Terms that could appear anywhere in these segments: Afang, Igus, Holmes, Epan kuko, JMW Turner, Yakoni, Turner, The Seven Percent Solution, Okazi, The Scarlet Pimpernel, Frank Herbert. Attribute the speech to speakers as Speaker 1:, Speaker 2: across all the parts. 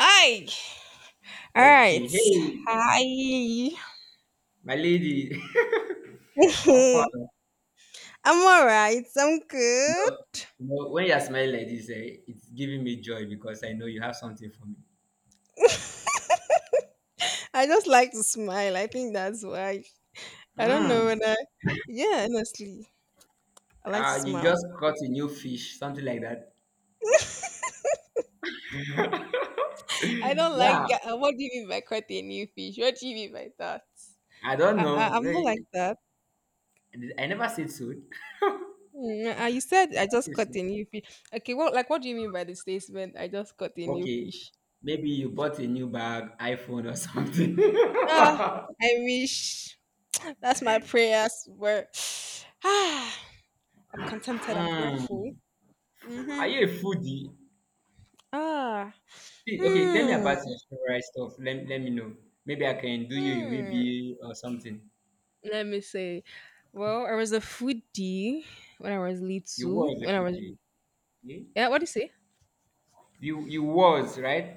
Speaker 1: Hi. All right.
Speaker 2: Okay, hey,
Speaker 1: Hi.
Speaker 2: my lady, how far?
Speaker 1: I'm all right. I'm good.
Speaker 2: No, no, when you're smiling like this, it's giving me joy because I know you have something for me.
Speaker 1: I just like to smile. I think that's why. I don't know
Speaker 2: Mm.
Speaker 1: whether. Yeah, honestly, I like to
Speaker 2: You
Speaker 1: smile.
Speaker 2: just caught a new fish, something like that.
Speaker 1: I don't like.
Speaker 2: Yeah,
Speaker 1: What do you mean by caught a new fish? What do you mean by that?
Speaker 2: I don't
Speaker 1: I, I
Speaker 2: know.
Speaker 1: I'm not like that.
Speaker 2: I never said so.
Speaker 1: You said I
Speaker 2: Never
Speaker 1: just
Speaker 2: said
Speaker 1: caught
Speaker 2: so.
Speaker 1: a new fish. Okay, what like what do you mean by the statement? I just caught a new
Speaker 2: Okay,
Speaker 1: fish.
Speaker 2: maybe you bought a new bag, iPhone or something.
Speaker 1: Ah, I wish. That's my prayers were. Ah. I'm contented. I'm grateful.
Speaker 2: Mm. Are
Speaker 1: Mm-hmm.
Speaker 2: you a foodie?
Speaker 1: Ah.
Speaker 2: See, okay, tell me
Speaker 1: Hmm.
Speaker 2: about your favorite stuff. Let me know. Maybe I can do you a
Speaker 1: Hmm.
Speaker 2: wee or something.
Speaker 1: Let me say. Well, I was a foodie when I was
Speaker 2: You
Speaker 1: little.
Speaker 2: was a
Speaker 1: When I was
Speaker 2: foodie. Okay.
Speaker 1: yeah, what do you say?
Speaker 2: You was right.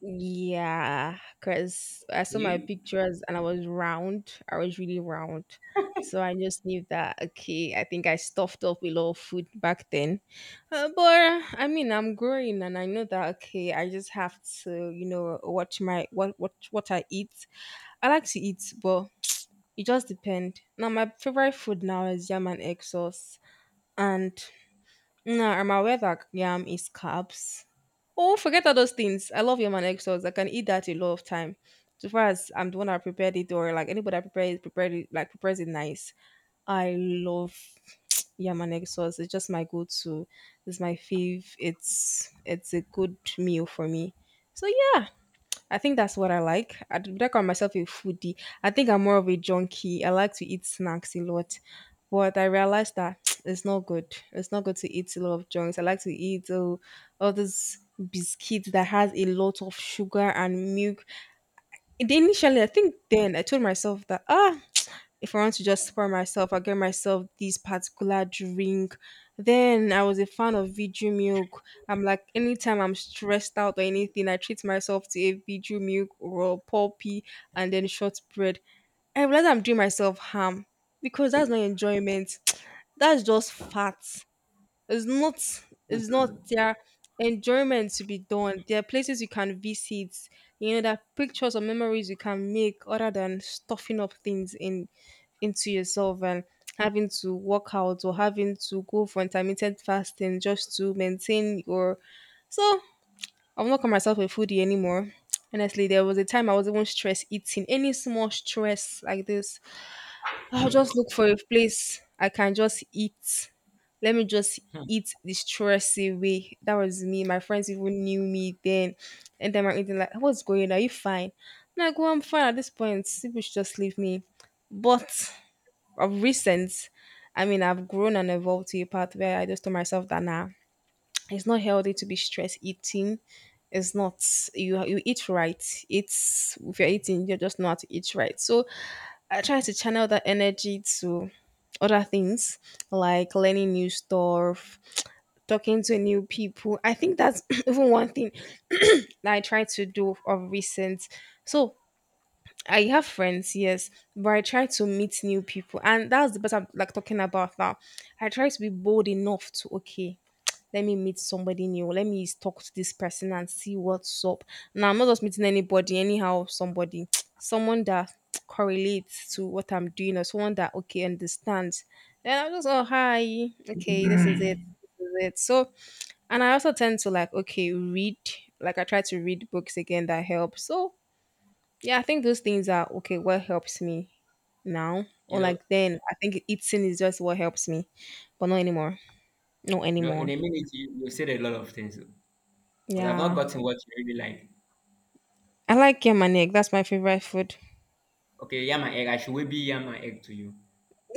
Speaker 1: Yeah, because I saw my
Speaker 2: Okay.
Speaker 1: pictures and I was round. I was really round. So I just knew that, okay, I think I stuffed up a lot of food back then. But I mean, I'm growing and I know that, okay, I just have to, you know, watch my, what I eat. I like to eat, but it just depend. Now my favorite food now is yam and egg sauce, and now I'm aware that yam is carbs. Oh, forget all those things. I love yam and egg sauce. I can eat that a lot of time. So far as I'm the one that prepared it, or like anybody that prepared it, prepares it nice. I love yam and egg sauce. It's just my go-to. It's my fave. It's a good meal for me. So yeah, I think that's what I like. I would not call myself a foodie. I think I'm more of a junkie. I like to eat snacks a lot. But I realized that it's not good. It's not good to eat a lot of junks. I like to eat all these biscuits that has a lot of sugar and milk. And initially, I think then I told myself that, ah, if I want to just spoil myself, I get myself this particular drink. Then I was a fan of Viju milk. I'm like, anytime I'm stressed out or anything, I treat myself to a Viju milk or a pulpy and then shortbread. I realize I'm doing myself harm because that's not enjoyment. That's just fat. It's not it's not
Speaker 2: Mhm.
Speaker 1: their enjoyment to be done. There are places you can visit, there are pictures or memories you can make other than stuffing up things in into yourself and having to work out or having to go for intermittent fasting just to maintain your so I've not called myself a foodie anymore. Honestly, there was a time I was even stress eating. Any small stress like this, I'll just look for a place I can just eat. Let me just eat the stress away. That was me. My friends even knew me then. And then my eating like, what's going on? Are you fine? I'm like, well, I'm fine at this point. People should just leave me. But of recent, I mean, I've grown and evolved to a path where I just told myself that nah, it's not healthy to be stress eating. It's not you eat right. It's if you're eating, you're just not eat right. So I try to channel that energy to other things like learning new stuff, talking to new people. I think that's even one thing that I try to do of recent. So I have friends, yes, but I try to meet new people, and that's the part I'm like talking about now. I try to be bold enough to okay, let me meet somebody new. Let me talk to this person and see what's up. Now I'm not just meeting anybody, anyhow, somebody, someone that correlates to what I'm doing or someone that okay understands. Then I'm just oh hi, okay, this is it. This is it. So and I also tend to like okay, read. Like I try to read books again that help. So yeah, I think those things are okay, what helps me now.
Speaker 2: you
Speaker 1: Or
Speaker 2: know,
Speaker 1: like then I think eating is just what helps me. But not anymore. Not
Speaker 2: in
Speaker 1: anymore.
Speaker 2: a minute you said a lot of things, but I've not
Speaker 1: Yeah.
Speaker 2: gotten what you really like.
Speaker 1: I like yam and egg. That's my favorite food.
Speaker 2: Okay, yam and egg. I should maybe yam and egg to you.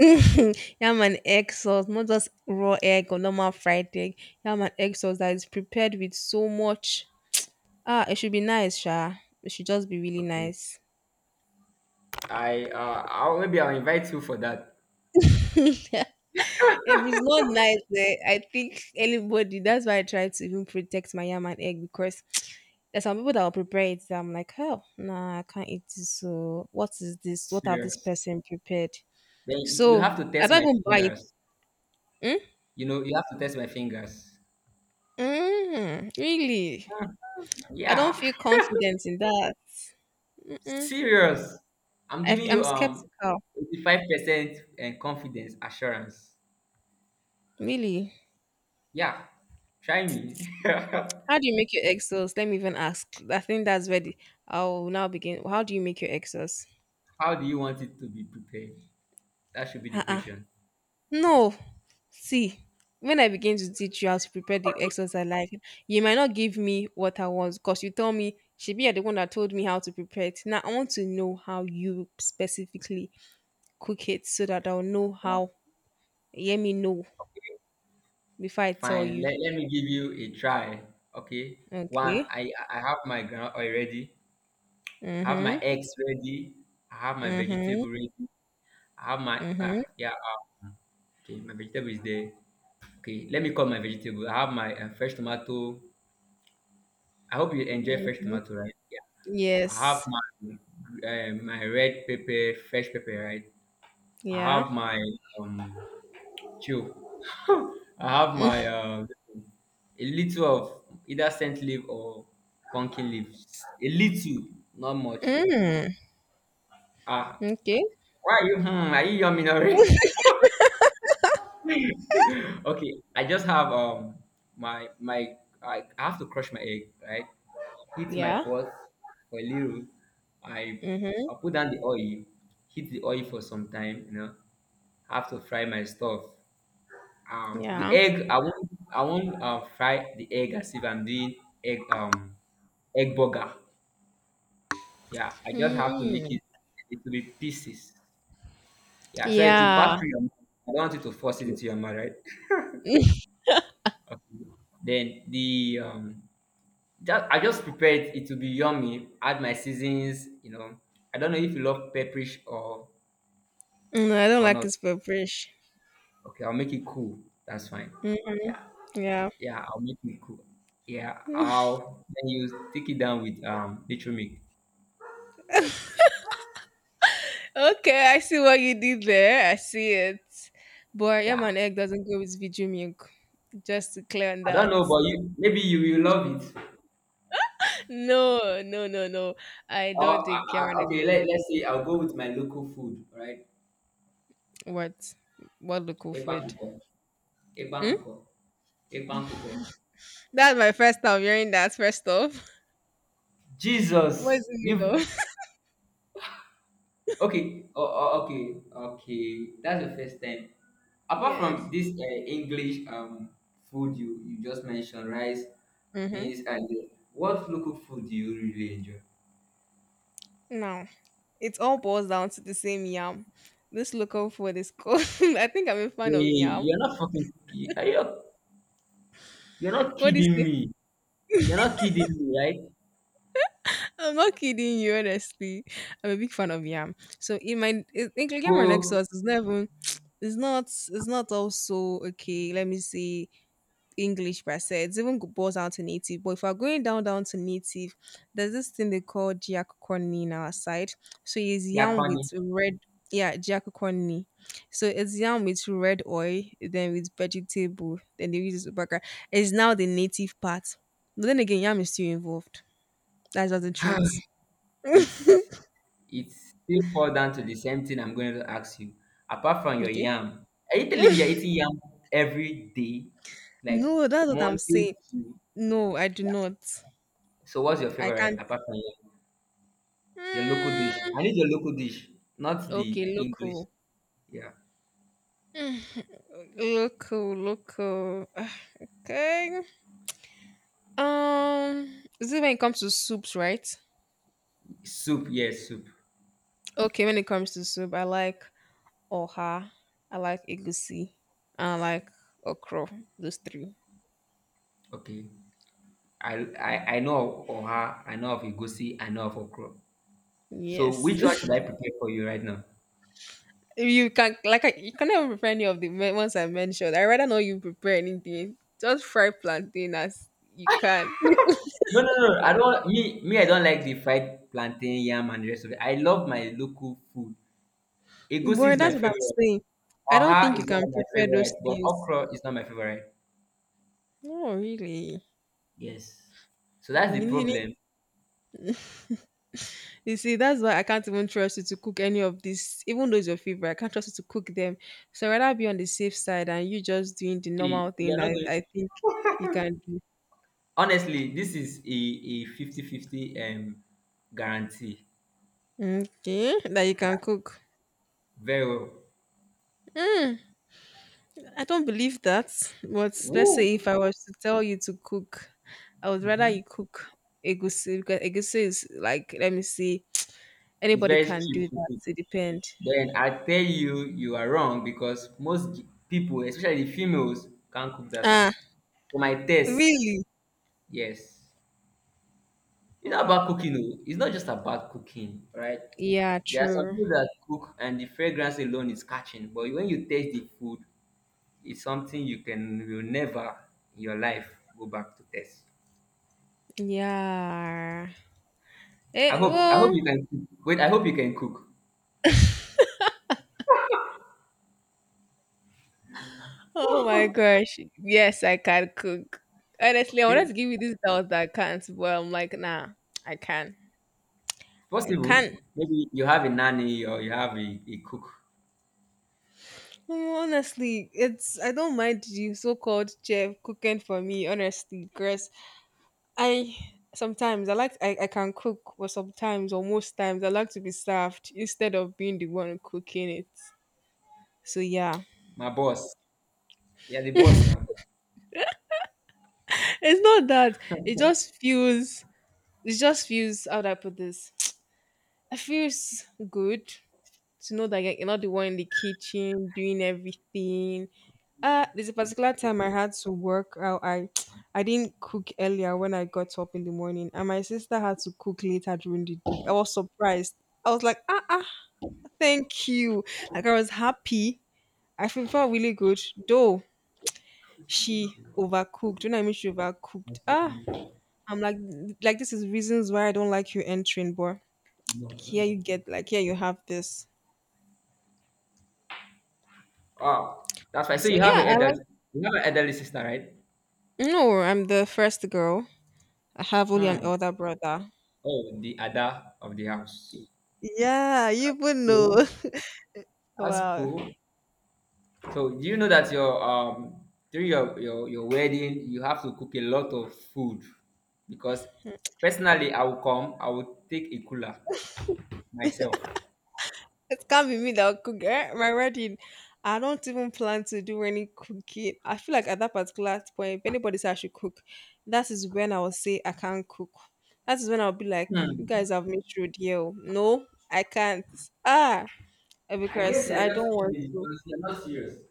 Speaker 1: Yam and egg sauce, not just raw egg or normal fried egg. Yam and egg sauce that is prepared with so much. Ah, it should be nice, Sha. It should just be really
Speaker 2: Okay.
Speaker 1: nice.
Speaker 2: I'll maybe I'll invite you for that.
Speaker 1: If it's not nice, eh, I think anybody. That's why I try to even protect my yam and egg because there's some people that will prepare it. That I'm like, oh, nah, I can't eat this. So what is this? What have this
Speaker 2: Serious.
Speaker 1: person prepared?
Speaker 2: Then you
Speaker 1: So
Speaker 2: have to
Speaker 1: I
Speaker 2: test
Speaker 1: don't
Speaker 2: my
Speaker 1: even buy it.
Speaker 2: fingers.
Speaker 1: Mm?
Speaker 2: You have to test my fingers.
Speaker 1: Mm, really? I don't
Speaker 2: Yeah.
Speaker 1: feel confident in that. Mm-mm.
Speaker 2: Serious. I'm giving
Speaker 1: I'm
Speaker 2: you
Speaker 1: skeptical.
Speaker 2: 85% and confidence assurance.
Speaker 1: Really?
Speaker 2: Yeah, try me.
Speaker 1: How do you make your egg sauce? Let me even ask. I think that's where the, I'll now begin. How do you make your egg sauce?
Speaker 2: How do you want it to be prepared? That should be the
Speaker 1: Uh-uh.
Speaker 2: question.
Speaker 1: No. See, when I begin to teach you how to prepare the egg sauce I like, you might not give me what I want because you told me she be the one that told me how to prepare it. Now I want to know how you specifically cook it so that I'll know how. Let me know before I tell
Speaker 2: Fine,
Speaker 1: you.
Speaker 2: let me give you a try. Okay. One,
Speaker 1: Okay.
Speaker 2: I have my ground already. I have
Speaker 1: Mm-hmm.
Speaker 2: my eggs ready. I have my
Speaker 1: Mhm,
Speaker 2: vegetable ready. I have my,
Speaker 1: mhm,
Speaker 2: yeah, okay, my vegetable is there. Okay, let me call my vegetable. I have my fresh tomato. I hope you enjoy fresh
Speaker 1: mhm.
Speaker 2: tomato, right? Yeah. I have
Speaker 1: Yes.
Speaker 2: my, my red pepper, fresh pepper, right? I
Speaker 1: Yeah.
Speaker 2: have my, um, Chill. I have my a little of either scent leaf or pumpkin leaves. A little, not much.
Speaker 1: Mm,
Speaker 2: Ah,
Speaker 1: okay.
Speaker 2: why are you? Are you yummy already? Okay, I have to crush my egg, right. Heat my
Speaker 1: Yeah.
Speaker 2: pot for a little. I
Speaker 1: Mhm.
Speaker 2: I put down the oil. Heat the oil for some time. I have to fry my stuff. The
Speaker 1: Yeah.
Speaker 2: egg, I won't fry the egg as if I'm doing egg, egg burger. Yeah, I just have to make
Speaker 1: Mm.
Speaker 2: it. It will be pieces. Yeah, so it will
Speaker 1: Yeah.
Speaker 2: pass through your mouth. I don't want you to force it into your mouth, right? Okay, then the just I just prepared it to be yummy. Add my seasons. I don't know if you love pepperish or
Speaker 1: No, I don't
Speaker 2: or
Speaker 1: like
Speaker 2: not.
Speaker 1: his purplish.
Speaker 2: Okay, I'll make it cool. That's fine.
Speaker 1: Mm,
Speaker 2: Yeah.
Speaker 1: yeah.
Speaker 2: Yeah, I'll make it cool. Yeah, I'll then you take it down with nature milk.
Speaker 1: Okay, I see what you did there. I see it. But yam
Speaker 2: Yeah,
Speaker 1: and egg doesn't go with video milk. Just to clear on
Speaker 2: I don't
Speaker 1: that.
Speaker 2: know, but you maybe you will love it.
Speaker 1: No, no, no, no. I don't
Speaker 2: Oh,
Speaker 1: think yam and egg will
Speaker 2: okay.
Speaker 1: be
Speaker 2: Let's say I'll go with my local food. Right,
Speaker 1: What? What local
Speaker 2: Epan
Speaker 1: food?
Speaker 2: kuko, Epan kuko, Epan kuko.
Speaker 1: That's my first time hearing that, first off. What is
Speaker 2: Jesus,
Speaker 1: it though?
Speaker 2: you okay. Oh, oh, okay, okay. That's the first time. Apart from
Speaker 1: Yes.
Speaker 2: this English food you just mentioned, rice,
Speaker 1: Mm-hmm.
Speaker 2: beans, and what local food do you really enjoy?
Speaker 1: Now, it all boils down to the same yam. This local food is called. I think I'm a
Speaker 2: Hey,
Speaker 1: fan of yam.
Speaker 2: you're not fucking are you, you're not
Speaker 1: What do you
Speaker 2: kidding
Speaker 1: say?
Speaker 2: me. You're not kidding me, right?
Speaker 1: I'm not kidding you, honestly. I'm a big fan of yam. So in my including my next
Speaker 2: Oh,
Speaker 1: sauce, it's not even. It's not. It's not also okay. Let me see. English per se. It's even boils down to native. But if we're going down to native, there's this thing they call giacoconi in our side. So it's yam
Speaker 2: Yakoni.
Speaker 1: with red yeah, giacoconi. So it's yam with red oil, then with vegetable, then they use it background. It's now the native part. But then again, yam is still involved. That's just the truth.
Speaker 2: it's it's still fall down to the same thing I'm going to ask you. Apart from your
Speaker 1: Okay.
Speaker 2: yam, are you telling me you're eating yam every day, like
Speaker 1: No, that's what I'm
Speaker 2: Monday
Speaker 1: saying.
Speaker 2: to.
Speaker 1: No, I do
Speaker 2: Yeah.
Speaker 1: not.
Speaker 2: So what's your
Speaker 1: I
Speaker 2: favorite
Speaker 1: can't.
Speaker 2: apart from yam? Your local dish.
Speaker 1: Mm,
Speaker 2: I need your local dish, not the
Speaker 1: okay,
Speaker 2: English.
Speaker 1: local.
Speaker 2: Yeah,
Speaker 1: Local. Ah, okay. Is it when it comes to soups, right?
Speaker 2: soup. Yes, soup.
Speaker 1: Okay, when it comes to soup, I like oha, I like egusi, and I like okra. Those three.
Speaker 2: Okay. I I, I know of oha. I know of egusi. I know of okra. So
Speaker 1: Yes.
Speaker 2: which one should I prepare for you right now?
Speaker 1: If you can like I, you not even prepare any of the ones I mentioned. I rather not you prepare anything. Just fry plantain as you can.
Speaker 2: No, no, no. I don't me me. I don't like the fried plantain, yam, and the rest of it. I love my local food. Egusi
Speaker 1: Boy,
Speaker 2: is my
Speaker 1: that's what I'm
Speaker 2: favorite.
Speaker 1: saying. I don't
Speaker 2: Oha
Speaker 1: think you
Speaker 2: is one
Speaker 1: can
Speaker 2: of my
Speaker 1: prepare those
Speaker 2: favorite, but
Speaker 1: things.
Speaker 2: okra is not my favorite.
Speaker 1: No, really.
Speaker 2: Yes. So that's the
Speaker 1: You need
Speaker 2: problem.
Speaker 1: You see, that's why I can't even trust you to cook any of this, even though it's your favorite. I can't trust you to cook them. So I'd rather be on the safe side and you just doing the
Speaker 2: See,
Speaker 1: normal thing
Speaker 2: you're not
Speaker 1: that I think you
Speaker 2: going.
Speaker 1: can do.
Speaker 2: Honestly, this is a fifty-fifty guarantee.
Speaker 1: Okay, that you can
Speaker 2: Yeah,
Speaker 1: cook.
Speaker 2: very well.
Speaker 1: Mm, I don't believe that. But let's
Speaker 2: Woo.
Speaker 1: say if I was to tell you to cook, I would rather
Speaker 2: Hmm.
Speaker 1: you cook egusi because egusi is like, let me see,
Speaker 2: It's
Speaker 1: anybody
Speaker 2: very
Speaker 1: can do
Speaker 2: cheap.
Speaker 1: that. It depends.
Speaker 2: Then I tell you, you are wrong because most people, especially the females, can't cook that soup.
Speaker 1: Ah,
Speaker 2: For my taste,
Speaker 1: really?
Speaker 2: yes. It's not about
Speaker 1: Wow.
Speaker 2: cooking, though. It's not just about cooking, right?
Speaker 1: Yeah,
Speaker 2: There are some
Speaker 1: true.
Speaker 2: people that cook and the fragrance alone is catching, but when you taste the food, it's something you can will never in your life go back to taste.
Speaker 1: Yeah.
Speaker 2: I
Speaker 1: Eh,
Speaker 2: hope I hope
Speaker 1: well,
Speaker 2: you can cook. Wait, I hope you can cook.
Speaker 1: oh my gosh. Yes, I can cook. Honestly, I
Speaker 2: Okay?
Speaker 1: wanted to give you this doubt that I can't, but I'm like, nah, I can. I
Speaker 2: Possible.
Speaker 1: can.
Speaker 2: Maybe you have a nanny or you have a cook.
Speaker 1: Mm, honestly, it's I don't mind the so-called chef cooking for me, honestly, because I sometimes I like I can cook, but sometimes or most times I like to be served instead of being the one cooking it. So yeah.
Speaker 2: My boss. Yeah, the boss now.
Speaker 1: It's not that. It just feels it just feels how do I put this? It feels good to know that like, you're not the one in the kitchen doing everything. There's a particular time I had to work. I I didn't cook earlier when I got up in the morning, and my sister had to cook later during the day. I was surprised. I was like, ah, thank you. Like I was happy. I feel felt really good, though she overcooked. When I mean she overcooked, ah, I'm like this is reasons why I don't like you entering, but here you get, like here you have this.
Speaker 2: Wow, that's right. So
Speaker 1: So
Speaker 2: you have
Speaker 1: yeah, I like
Speaker 2: an elderly sister, right?
Speaker 1: No, I'm the first girl. I have only an
Speaker 2: Hmm.
Speaker 1: elder brother.
Speaker 2: Oh, the ada of the house.
Speaker 1: Yeah, you even
Speaker 2: Cool.
Speaker 1: know.
Speaker 2: That's
Speaker 1: Wow.
Speaker 2: cool. So do you know that your during your wedding you have to cook a lot of food because personally I will come, I will take a cooler myself.
Speaker 1: It can't be me that will cook eh? My wedding. I don't even plan to do any cooking. I feel like at that particular point, if anybody says I should cook, that is when I will say I can't cook. That is when I'll be like, you
Speaker 2: Hmm.
Speaker 1: guys have made sure, deal. No, I can't. Ah, eh,
Speaker 2: I guess
Speaker 1: because
Speaker 2: they're
Speaker 1: I don't
Speaker 2: just
Speaker 1: want
Speaker 2: kidding
Speaker 1: to.
Speaker 2: because they're not serious.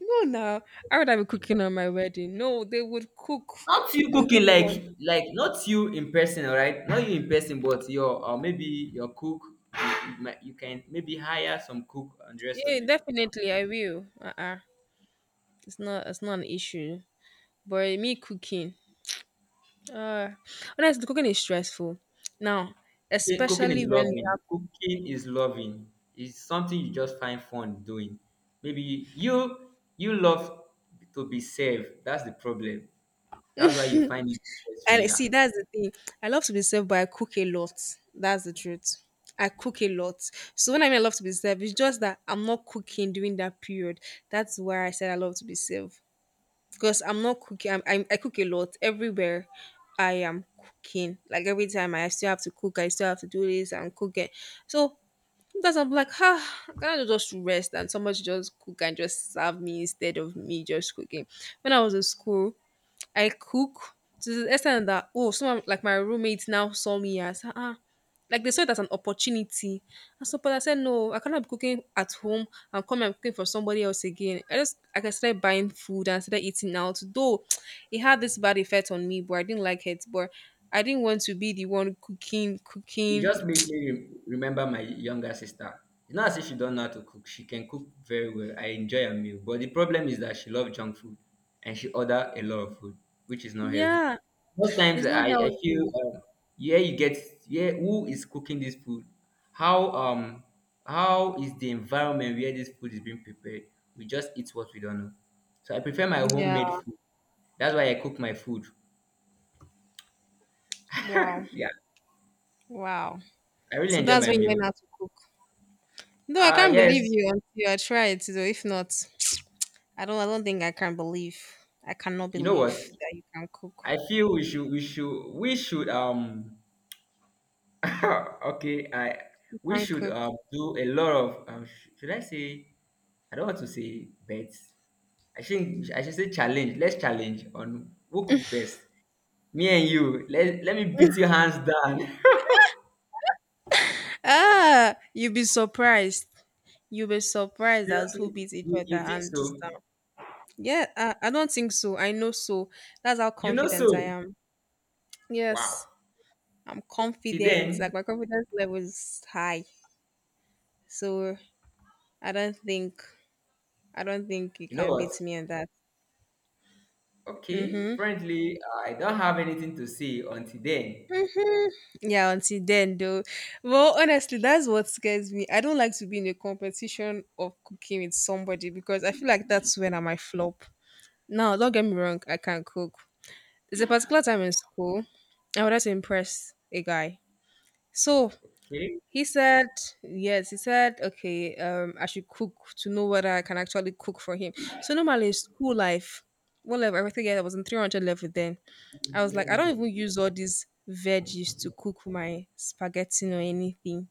Speaker 1: No, now I would have been cooking on my wedding. No, they would cook.
Speaker 2: Not you
Speaker 1: They'll be
Speaker 2: cooking,
Speaker 1: the
Speaker 2: like
Speaker 1: one.
Speaker 2: like not you in person, all right, not you in person, but your, or maybe your cook. You can maybe hire some cook and the rest of
Speaker 1: Yeah,
Speaker 2: it.
Speaker 1: definitely I will. Uh-uh. It's not an issue. But me cooking. Uh Honestly cooking is stressful. Now,
Speaker 2: Okay, cooking is
Speaker 1: especially when you
Speaker 2: loving.
Speaker 1: have,
Speaker 2: Cooking is loving. It's something you just find fun doing. Maybe you love to be served. That's the problem. That's why you find it stressful.
Speaker 1: and
Speaker 2: Yeah.
Speaker 1: see that's the thing. I love to be served but I cook a lot. That's the truth. I cook a lot. So when I mean I love to be served, it's just that I'm not cooking during that period. That's where I said I love to be served. Because I'm not cooking. I cook a lot everywhere. I am cooking. Like every time I still have to cook, I still have to do this and cook it. So because I'm like, ah, can I just rest and somebody should just cook and just serve me instead of me just cooking? When I was in school, I cook to the extent that oh, someone like my roommates now saw me as ah, ah," like they saw it as an opportunity. And so, but I said no, I cannot be cooking at home and come and cooking for somebody else again. I just like I started buying food and started eating out. Though it had this bad effect on me, but I didn't like it. But I didn't want to be the one cooking,
Speaker 2: It
Speaker 1: cooking.
Speaker 2: just made me remember my younger sister. It's not as if she don't know how to cook. She can cook very well. I enjoy her meal. But the problem is that she loves junk food and she order a lot of food, which is not healthy.
Speaker 1: Yeah,
Speaker 2: Most times
Speaker 1: it's not
Speaker 2: I feel
Speaker 1: healthy.
Speaker 2: yeah, you get. Yeah, who is cooking this food? How um how is the environment where this food is being prepared? We just eat what we don't know. So I prefer my
Speaker 1: Yeah.
Speaker 2: homemade food. That's why I cook my food.
Speaker 1: Wow.
Speaker 2: Yeah,
Speaker 1: Wow.
Speaker 2: I really
Speaker 1: So
Speaker 2: enjoy
Speaker 1: that's
Speaker 2: my
Speaker 1: when you
Speaker 2: meal.
Speaker 1: learn how to cook. No, I
Speaker 2: Ah
Speaker 1: can't believe
Speaker 2: yes,
Speaker 1: you until I try it. So if not, I don't. I don't think I can believe. I cannot
Speaker 2: you know what?
Speaker 1: believe that you can cook.
Speaker 2: I feel we should we should we should okay I
Speaker 1: You
Speaker 2: we
Speaker 1: can
Speaker 2: should
Speaker 1: cook.
Speaker 2: do a lot of should I say, I don't want to say bets, I think I should say challenge. Let's challenge on who cook best, me and you. Let me beat you hands down.
Speaker 1: Ah, you'll be surprised. You'll be surprised as who
Speaker 2: Seriously,
Speaker 1: beats each
Speaker 2: you,
Speaker 1: other
Speaker 2: you think
Speaker 1: and just
Speaker 2: so.
Speaker 1: stuff. Yeah, I don't think so. I know so. That's how
Speaker 2: You know
Speaker 1: confident I
Speaker 2: so.
Speaker 1: am.
Speaker 2: Wow,
Speaker 1: Yes, I'm
Speaker 2: till
Speaker 1: confident. Like
Speaker 2: then.
Speaker 1: my confidence level is high. So I don't think I don't think you
Speaker 2: You know
Speaker 1: can
Speaker 2: what?
Speaker 1: beat me on that.
Speaker 2: Okay,
Speaker 1: Mhm.
Speaker 2: apparently I don't have anything to say until then.
Speaker 1: Mhm. Yeah, until then though. Well, honestly, that's what scares me. I don't like to be in a competition of cooking with somebody because I feel like that's when I might flop. Now, don't get me wrong, I can cook. There's a particular time in school I wanted to impress a guy. So
Speaker 2: Okay,
Speaker 1: he said, yes, he said, okay, I should cook to know whether I can actually cook for him. So normally in school life, what level? I think I was in 300 level then. I was like, I don't even use all these veggies to cook my spaghetti or anything.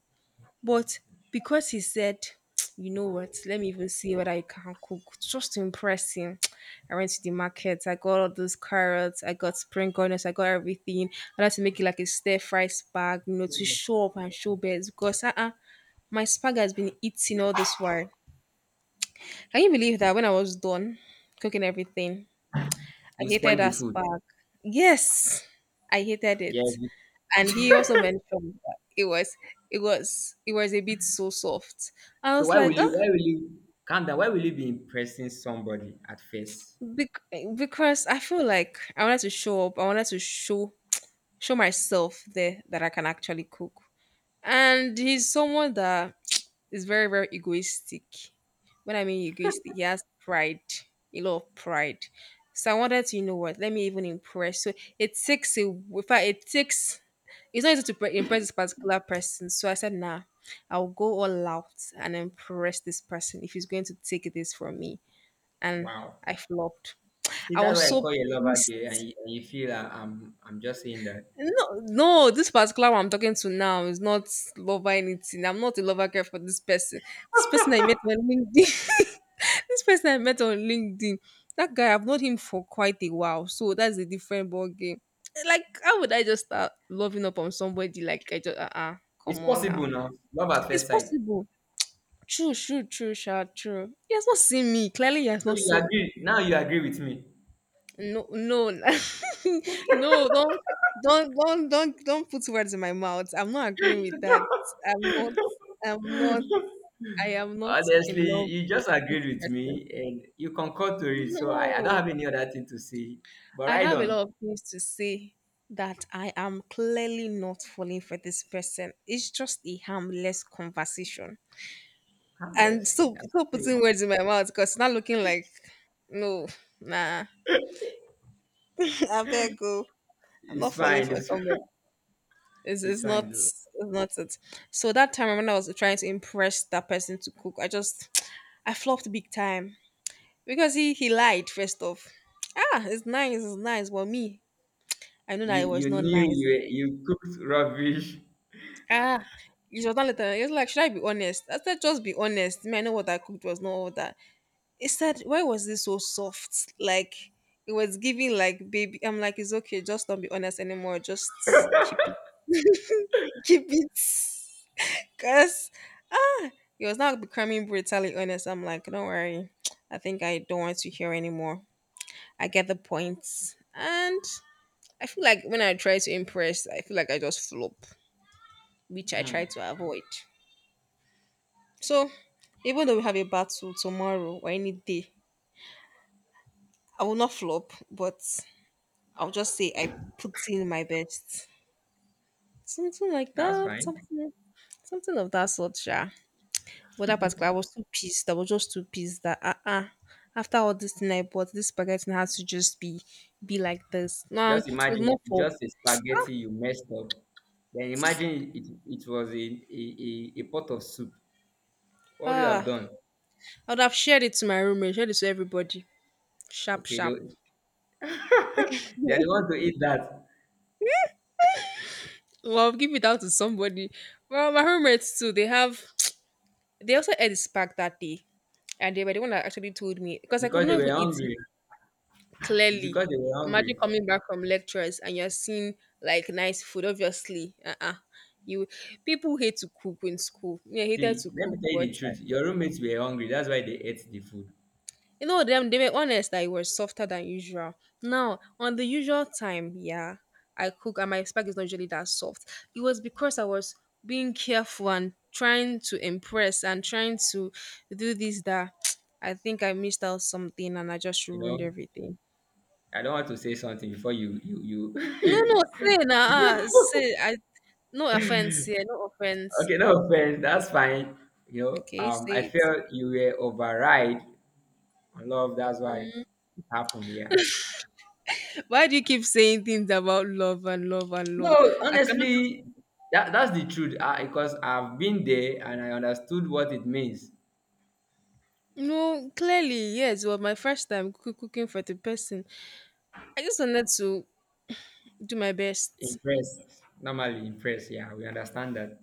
Speaker 1: But because he said, you know what, let me even see whether I can cook, just to impress him. I went to the market, I got all those carrots, I got spring onions, I got everything. I had to make it like a stir fry spag, you know, to show up and show best because uh-uh, my spag has been eating all this while. Can you believe that when I was done cooking everything, I
Speaker 2: you
Speaker 1: hated
Speaker 2: spoil the
Speaker 1: that
Speaker 2: food.
Speaker 1: spag? Yes, I hated
Speaker 2: Yes.
Speaker 1: it, and he also mentioned that it was it was a bit so soft. I
Speaker 2: So
Speaker 1: was
Speaker 2: why will
Speaker 1: like,
Speaker 2: you
Speaker 1: oh,
Speaker 2: why will you calm down? Why will you be impressing somebody at first?
Speaker 1: bec- because I feel like I wanted to show up. I wanted to show myself there that I can actually cook. And he's someone that is very egoistic. When I mean egoistic, he has pride, a lot of pride. So I wanted to, you know what? Let me even impress. So it takes a, in fact, it's not easy to impress this particular person. So I said, nah, I'll go all out and impress this person if he's going to take this from me. And
Speaker 2: Wow.
Speaker 1: I flopped.
Speaker 2: See,
Speaker 1: I
Speaker 2: that's
Speaker 1: was
Speaker 2: why I
Speaker 1: so
Speaker 2: call you a lover gay,
Speaker 1: pissed.
Speaker 2: and you feel I'm just saying that.
Speaker 1: No, no, this particular one I'm talking to now is not lover anything. I'm not a lover girl for this person. This person I met on LinkedIn. this person I met on LinkedIn. That guy, I've known him for quite a while. So that's a different ball game. Like, how would I just start loving up on somebody? Like, I just, uh, come
Speaker 2: It's
Speaker 1: on now.
Speaker 2: possible now. Love at
Speaker 1: It's
Speaker 2: first sight.
Speaker 1: possible. True, true, true, sure, true. He has not seen me. Clearly, he has
Speaker 2: So
Speaker 1: not
Speaker 2: you
Speaker 1: seen.
Speaker 2: agree. Now you agree with me.
Speaker 1: No, no, no. Don't put words in my mouth. I'm not agreeing with that. I'm not. I'm not. I am not in
Speaker 2: Honestly,
Speaker 1: love
Speaker 2: you
Speaker 1: with
Speaker 2: just
Speaker 1: this
Speaker 2: agreed with
Speaker 1: person.
Speaker 2: me and you concur to it. So I don't
Speaker 1: No,
Speaker 2: have any other thing to say. But
Speaker 1: I
Speaker 2: right
Speaker 1: have a
Speaker 2: on.
Speaker 1: lot of things to say that I am clearly not falling for this person. It's just a harmless conversation. And
Speaker 2: Harmless,
Speaker 1: so,
Speaker 2: I
Speaker 1: stop
Speaker 2: say.
Speaker 1: putting words in my mouth because it's not looking like no, nah. I beg go. I'm not
Speaker 2: It's
Speaker 1: falling
Speaker 2: fine.
Speaker 1: for
Speaker 2: It's,
Speaker 1: somebody.
Speaker 2: it's fine though.
Speaker 1: It's not it. So that time when I was trying to impress that person to cook, I just I flopped big time. Because he lied first off. Ah, it's nice, it's nice. But me, I know that
Speaker 2: You
Speaker 1: it was
Speaker 2: you
Speaker 1: not
Speaker 2: knew
Speaker 1: nice.
Speaker 2: you cooked rubbish.
Speaker 1: Ah, it was not later. He was like, should I be honest? I said, just be honest. Me, I know what I cooked was not all that. He said, why was this so soft? Like it was giving like baby. I'm like, it's okay. Just don't be honest anymore. Just keep it, keep it. Cause ah, it was not becoming brutally honest. I'm like, don't worry. I think I don't want to hear anymore. I get the points, and I feel like when I try to impress, I feel like I just flop, which I
Speaker 2: Hmm,
Speaker 1: try to avoid. So even though we have a battle tomorrow or any day, I will not flop, but I'll just say I put in my best, something like
Speaker 2: that's
Speaker 1: that,
Speaker 2: fine.
Speaker 1: something, something of that sort, sha. But that particular I was too pissed. I was just too pissed that ah uh-uh, after all this thing I bought, this spaghetti now has to just be like this. No,
Speaker 2: Just
Speaker 1: it's
Speaker 2: imagine
Speaker 1: not for
Speaker 2: just a spaghetti you messed up. Then imagine, it was a pot of soup. What would you have
Speaker 1: ah.
Speaker 2: done?
Speaker 1: I would have shared it to my roommate, shared it to everybody. Sharp,
Speaker 2: Okay, they,
Speaker 1: sharp.
Speaker 2: they are the ones to eat that
Speaker 1: Well, give it out to somebody. Well, my roommates too. They have. They also ate the spark that day, and they were the one that actually told me because I could
Speaker 2: because they
Speaker 1: not
Speaker 2: were
Speaker 1: even eat it.
Speaker 2: hungry. It's
Speaker 1: Clearly.
Speaker 2: because they were
Speaker 1: Imagine
Speaker 2: hungry.
Speaker 1: coming back from lectures and you're seeing like nice food. Obviously, uh-uh. You people hate to cook in school. Yeah, hated
Speaker 2: See,
Speaker 1: to
Speaker 2: let me
Speaker 1: cook,
Speaker 2: tell you
Speaker 1: but
Speaker 2: the truth. Your roommates were hungry. That's why they ate the food.
Speaker 1: you know them. They were honest that it was softer than usual. Now on the usual time, yeah, I cook and my spag is not usually that soft. It was because I was being careful and trying to impress and trying to do this that. I think I missed out something and I just
Speaker 2: You
Speaker 1: ruined
Speaker 2: know,
Speaker 1: everything.
Speaker 2: I don't want to say something before you you
Speaker 1: No, no, say nah, ah,
Speaker 2: you.
Speaker 1: say I. No offense
Speaker 2: You,
Speaker 1: here, no offense.
Speaker 2: okay, no offense. That's fine. You know,
Speaker 1: Okay,
Speaker 2: I
Speaker 1: say it.
Speaker 2: felt you were override on love. That's why it happened. Yeah.
Speaker 1: Why do you keep saying things about love and love and
Speaker 2: No,
Speaker 1: love? I cannot just
Speaker 2: honestly, that's the truth. Because I've been there and I understood what it means.
Speaker 1: no, clearly, yes, well, my first time cooking for the person. I just wanted to do my best.
Speaker 2: Impressed. Normally impressed, yeah. We understand that.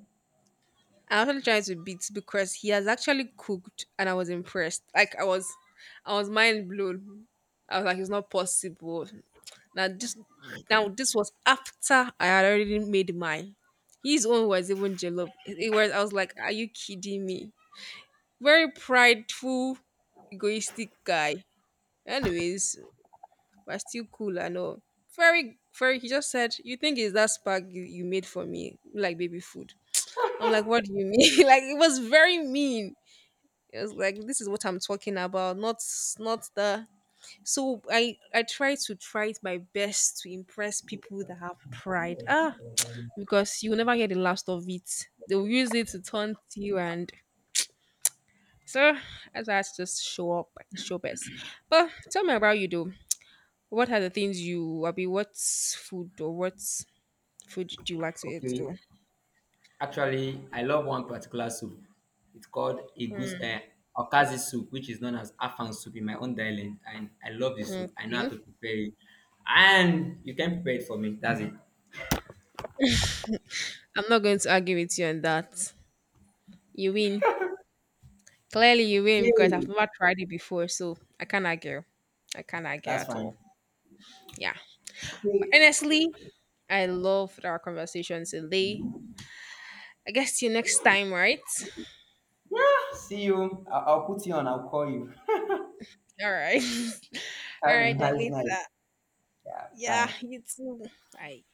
Speaker 1: I actually tried to beat because he has actually cooked and I was impressed. Like I was mind blown. I was like, it's not possible. Now this now this was after I had already made mine. His own was even jollof. It was I was like, are you kidding me? Very prideful, egoistic guy. Anyways, but still cool and all. Very, very. He just said, "You think it's that spark you made for me, like baby food?" I'm like, "What do you mean?" like it was very mean. It was like, "This is what I'm talking about, not the." So I try to try my best to impress people that have pride. Ah, because you will never get the last of it. They'll use it to taunt you, and so as that's just show up and show best. But tell me about you though. What are the things you, I mean what food or what food do you like to eat
Speaker 2: Okay.
Speaker 1: though?
Speaker 2: Actually, I love one particular soup. It's called Igus
Speaker 1: Mm,
Speaker 2: Okazi soup, which is known as Afang soup in my own dialect. And I love this soup. I know how
Speaker 1: okay.
Speaker 2: to prepare it. And you can prepare it for me. That's it.
Speaker 1: I'm not going to argue with you on that. You win. Clearly you win because I've
Speaker 2: Okay.
Speaker 1: never tried it before, so I can't argue. I can't argue
Speaker 2: That's
Speaker 1: at all.
Speaker 2: fine.
Speaker 1: Yeah. But
Speaker 2: Okay.
Speaker 1: honestly, I loved our conversations today. I guess see you next time, right?
Speaker 2: Yeah. See you. I'll put you on. I'll call you.
Speaker 1: All right. all
Speaker 2: Have a
Speaker 1: right, then
Speaker 2: nice
Speaker 1: later.
Speaker 2: night. Yeah.
Speaker 1: Yeah,
Speaker 2: Bye.
Speaker 1: you too. Bye.